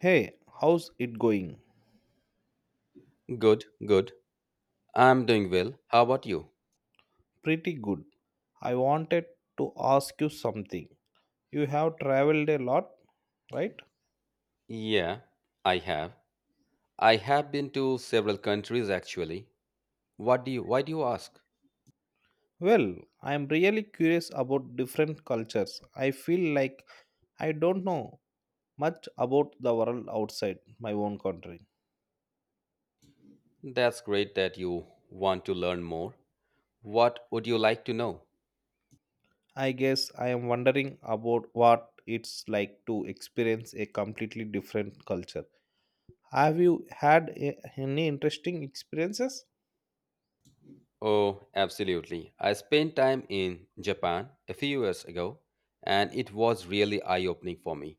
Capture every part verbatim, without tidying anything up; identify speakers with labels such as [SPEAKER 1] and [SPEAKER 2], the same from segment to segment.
[SPEAKER 1] Hey, how's it going?
[SPEAKER 2] Good, good. I'm doing well. How about you?
[SPEAKER 1] Pretty good. I wanted to ask you something. You have traveled a lot, right?
[SPEAKER 2] Yeah, I have. I have been to several countries actually. What do you, why do you ask?
[SPEAKER 1] Well, I am really curious about different cultures. I feel like I don't know much about the world outside my own country.
[SPEAKER 2] That's great that you want to learn more. What would you like to know?
[SPEAKER 1] I guess I am wondering about what it's like to experience a completely different culture. Have you had a- any interesting experiences?
[SPEAKER 2] Oh, absolutely. I spent time in Japan a few years ago, and it was really eye-opening for me.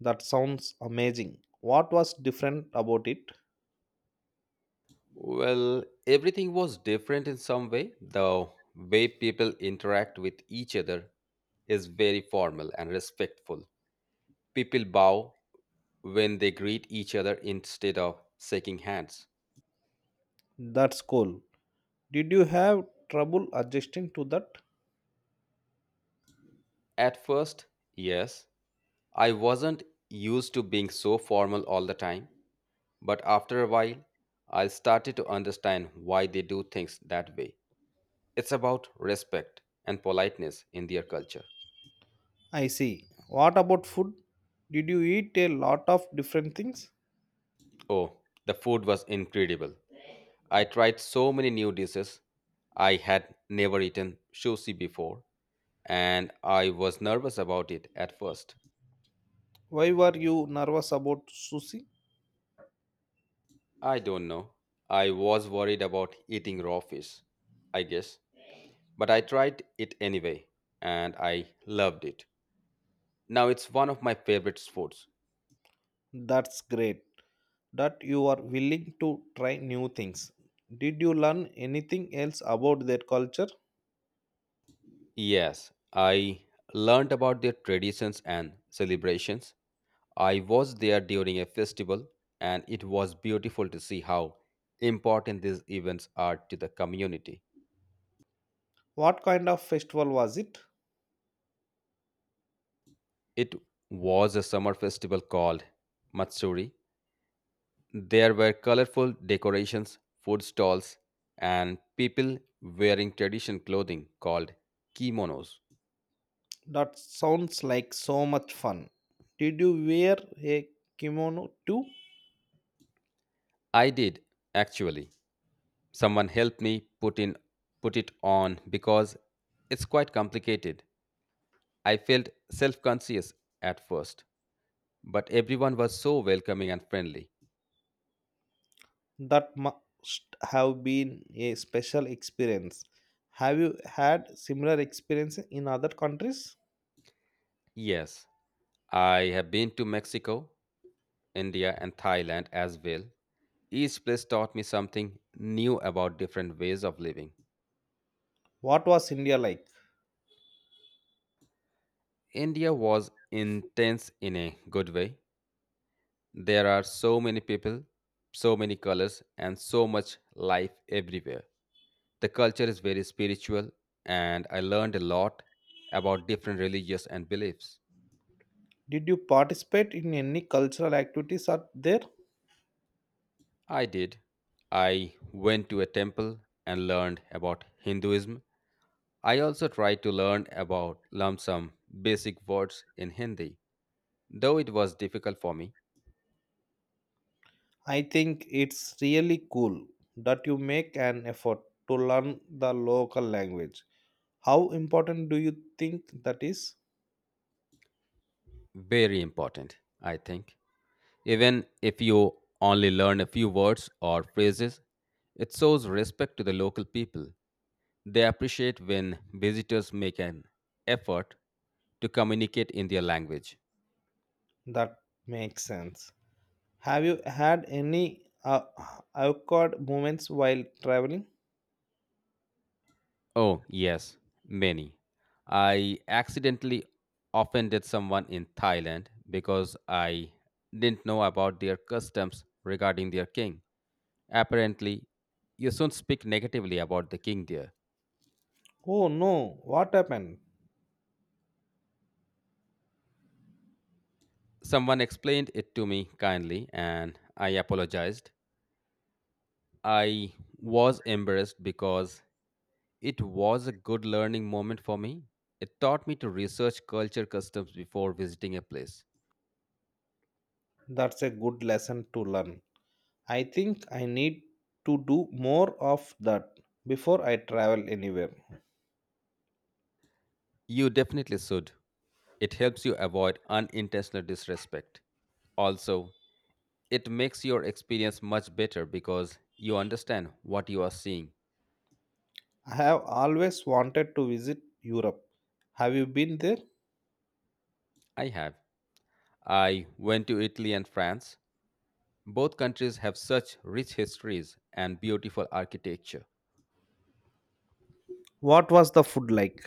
[SPEAKER 1] That sounds amazing. What was different about it?
[SPEAKER 2] Well, everything was different in some way. The way people interact with each other is very formal and respectful. People bow when they greet each other instead of shaking hands.
[SPEAKER 1] That's cool. Did you have trouble adjusting to that?
[SPEAKER 2] At first, yes, I wasn't used to being so formal all the time, but after a while, I started to understand why they do things that way. It's about respect and politeness in their culture.
[SPEAKER 1] I see. What about food? Did you eat a lot of different things?
[SPEAKER 2] Oh, the food was incredible. I tried so many new dishes. I had never eaten sushi before, and I was nervous about it at first.
[SPEAKER 1] Why were you nervous about sushi?
[SPEAKER 2] I don't know. I was worried about eating raw fish, I guess. But I tried it anyway, and I loved it. Now it's one of my favorite sports.
[SPEAKER 1] That's great that you are willing to try new things. Did you learn anything else about their culture?
[SPEAKER 2] Yes, I learned about their traditions and celebrations. I was there during a festival, and it was beautiful to see how important these events are to the community.
[SPEAKER 1] What kind of festival was it?
[SPEAKER 2] It was a summer festival called Matsuri. There were colorful decorations, food stalls, and people wearing traditional clothing called kimonos.
[SPEAKER 1] That sounds like so much fun. Did you wear a kimono too?
[SPEAKER 2] I did actually. Someone helped me put in put it on because it's quite complicated. I felt self-conscious at first, but everyone was so welcoming and friendly.
[SPEAKER 1] That must have been a special experience. Have you had similar experience in other countries?
[SPEAKER 2] Yes, I have been to Mexico, India, and Thailand as well. Each place taught me something new about different ways of living.
[SPEAKER 1] What was India like?
[SPEAKER 2] India was intense in a good way. There are so many people, so many colors, and so much life everywhere. The culture is very spiritual, and I learned a lot about different religious and beliefs.
[SPEAKER 1] Did you participate in any cultural activities out there?
[SPEAKER 2] I did. I went to a temple and learned about Hinduism. I also tried to learn about lump sum basic words in Hindi, though it was difficult for me.
[SPEAKER 1] I think it's really cool that you make an effort to learn the local language. How important do you think that is?
[SPEAKER 2] Very important, I think. Even if you only learn a few words or phrases, it shows respect to the local people. They appreciate when visitors make an effort to communicate in their language.
[SPEAKER 1] That makes sense. Have you had any uh, awkward moments while traveling?
[SPEAKER 2] Oh, yes, many. I accidentally offended someone in Thailand because I didn't know about their customs regarding their king. Apparently, you shouldn't speak negatively about the king there.
[SPEAKER 1] Oh no, what happened?
[SPEAKER 2] Someone explained it to me kindly and I apologized. I was embarrassed because it was a good learning moment for me. It taught me to research culture customs before visiting a place.
[SPEAKER 1] That's a good lesson to learn. I think I need to do more of that before I travel anywhere.
[SPEAKER 2] You definitely should. It helps you avoid unintentional disrespect. Also, it makes your experience much better because you understand what you are seeing.
[SPEAKER 1] I have always wanted to visit Europe. Have you been there?
[SPEAKER 2] I have. I went to Italy and France. Both countries have such rich histories and beautiful architecture.
[SPEAKER 1] What was the food like?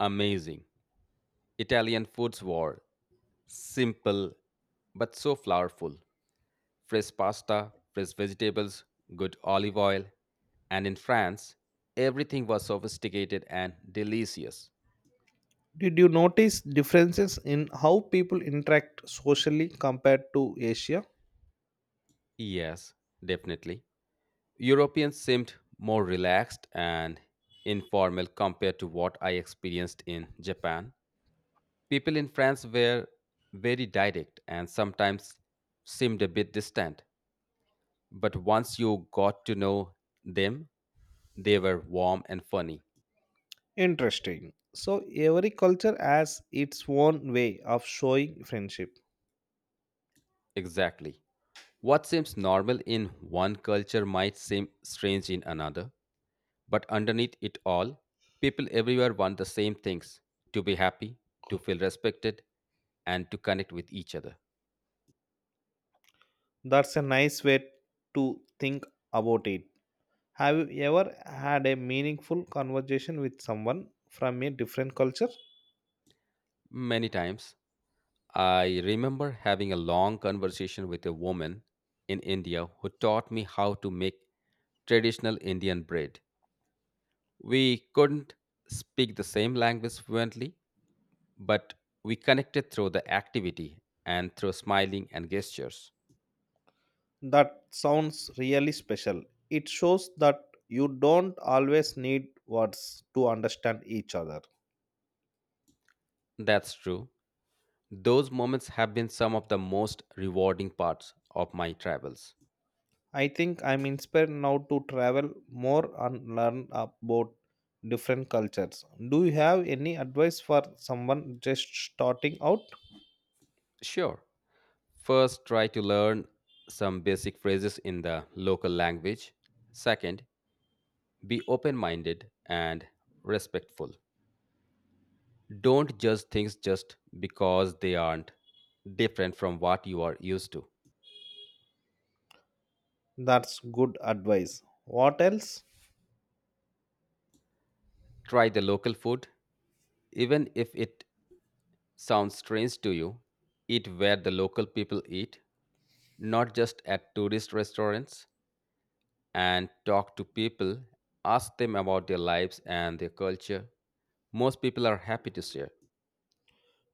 [SPEAKER 2] Amazing. Italian foods were simple but so flavorful. Fresh pasta, fresh vegetables, good olive oil. And in France, everything was sophisticated and delicious.
[SPEAKER 1] Did you notice differences in how people interact socially compared to Asia?
[SPEAKER 2] Yes, definitely. Europeans seemed more relaxed and informal compared to what I experienced in Japan. People in France were very direct and sometimes seemed a bit distant, but once you got to know them, they were warm and funny.
[SPEAKER 1] Interesting. So, every culture has its own way of showing friendship.
[SPEAKER 2] Exactly. What seems normal in one culture might seem strange in another, but underneath it all, people everywhere want the same things: to be happy, to feel respected, and to connect with each other.
[SPEAKER 1] That's a nice way to think about it. Have you ever had a meaningful conversation with someone from a different culture?
[SPEAKER 2] Many times. I remember having a long conversation with a woman in India who taught me how to make traditional Indian bread. We couldn't speak the same language fluently, but we connected through the activity and through smiling and gestures.
[SPEAKER 1] That sounds really special. It shows that you don't always need words to understand each other.
[SPEAKER 2] That's true. Those moments have been some of the most rewarding parts of my travels.
[SPEAKER 1] I think I'm inspired now to travel more and learn about different cultures. Do you have any advice for someone just starting out?
[SPEAKER 2] Sure, first, try to learn some basic phrases in the local language. Second, be open minded and respectful. Don't judge things just because they aren't different from what you are used to.
[SPEAKER 1] That's good advice. What else?
[SPEAKER 2] Try the local food, even if it sounds strange to you. Eat where the local people eat, not just at tourist restaurants, and talk to people. Ask them about their lives and their culture. Most people are happy to share.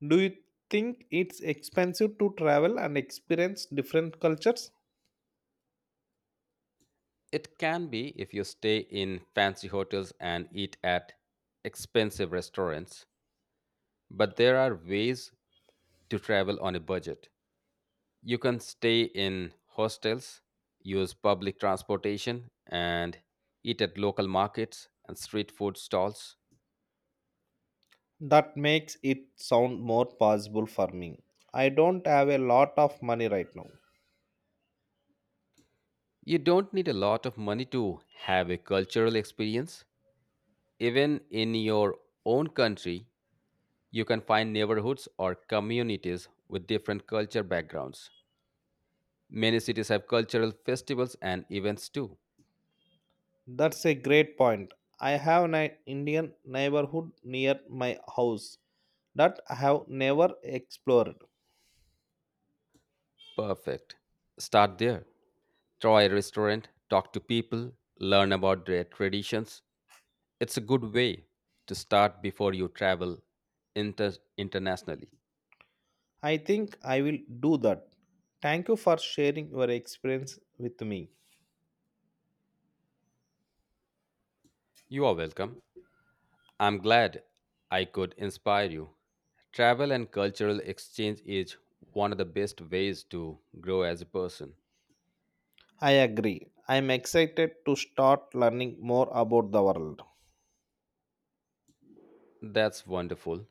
[SPEAKER 1] Do you think it's expensive to travel and experience different cultures?
[SPEAKER 2] It can be, if you stay in fancy hotels and eat at expensive restaurants. But there are ways to travel on a budget. You can stay in hostels, use public transportation, and eat at local markets and street food stalls.
[SPEAKER 1] That makes it sound more possible for me. I don't have a lot of money right now.
[SPEAKER 2] You don't need a lot of money to have a cultural experience. Even in your own country, you can find neighborhoods or communities with different culture backgrounds. Many cities have cultural festivals and events too.
[SPEAKER 1] That's a great point. I have an Indian neighborhood near my house that I have never explored.
[SPEAKER 2] Perfect. Start there. Try a restaurant, talk to people, learn about their traditions. It's a good way to start before you travel inter- internationally.
[SPEAKER 1] I think I will do that. Thank you for sharing your experience with me.
[SPEAKER 2] You are welcome. I'm glad I could inspire you. Travel and cultural exchange is one of the best ways to grow as a person.
[SPEAKER 1] I agree. I am excited to start learning more about the world.
[SPEAKER 2] That's wonderful.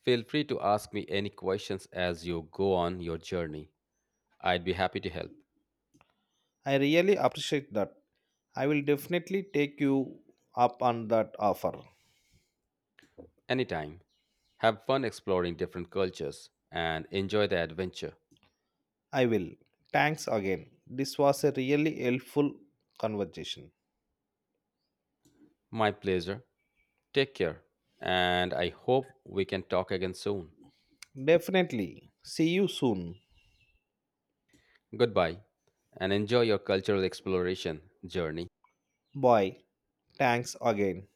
[SPEAKER 2] Feel free to ask me any questions as you go on your journey. I'd be happy to help.
[SPEAKER 1] I really appreciate that. I will definitely take you up on that offer.
[SPEAKER 2] Anytime. Have fun exploring different cultures and enjoy the adventure.
[SPEAKER 1] I will. Thanks again. This was a really helpful conversation.
[SPEAKER 2] My pleasure. Take care. And I hope we can talk again soon.
[SPEAKER 1] Definitely. See you soon.
[SPEAKER 2] Goodbye. And enjoy your cultural exploration journey.
[SPEAKER 1] Bye. Thanks again.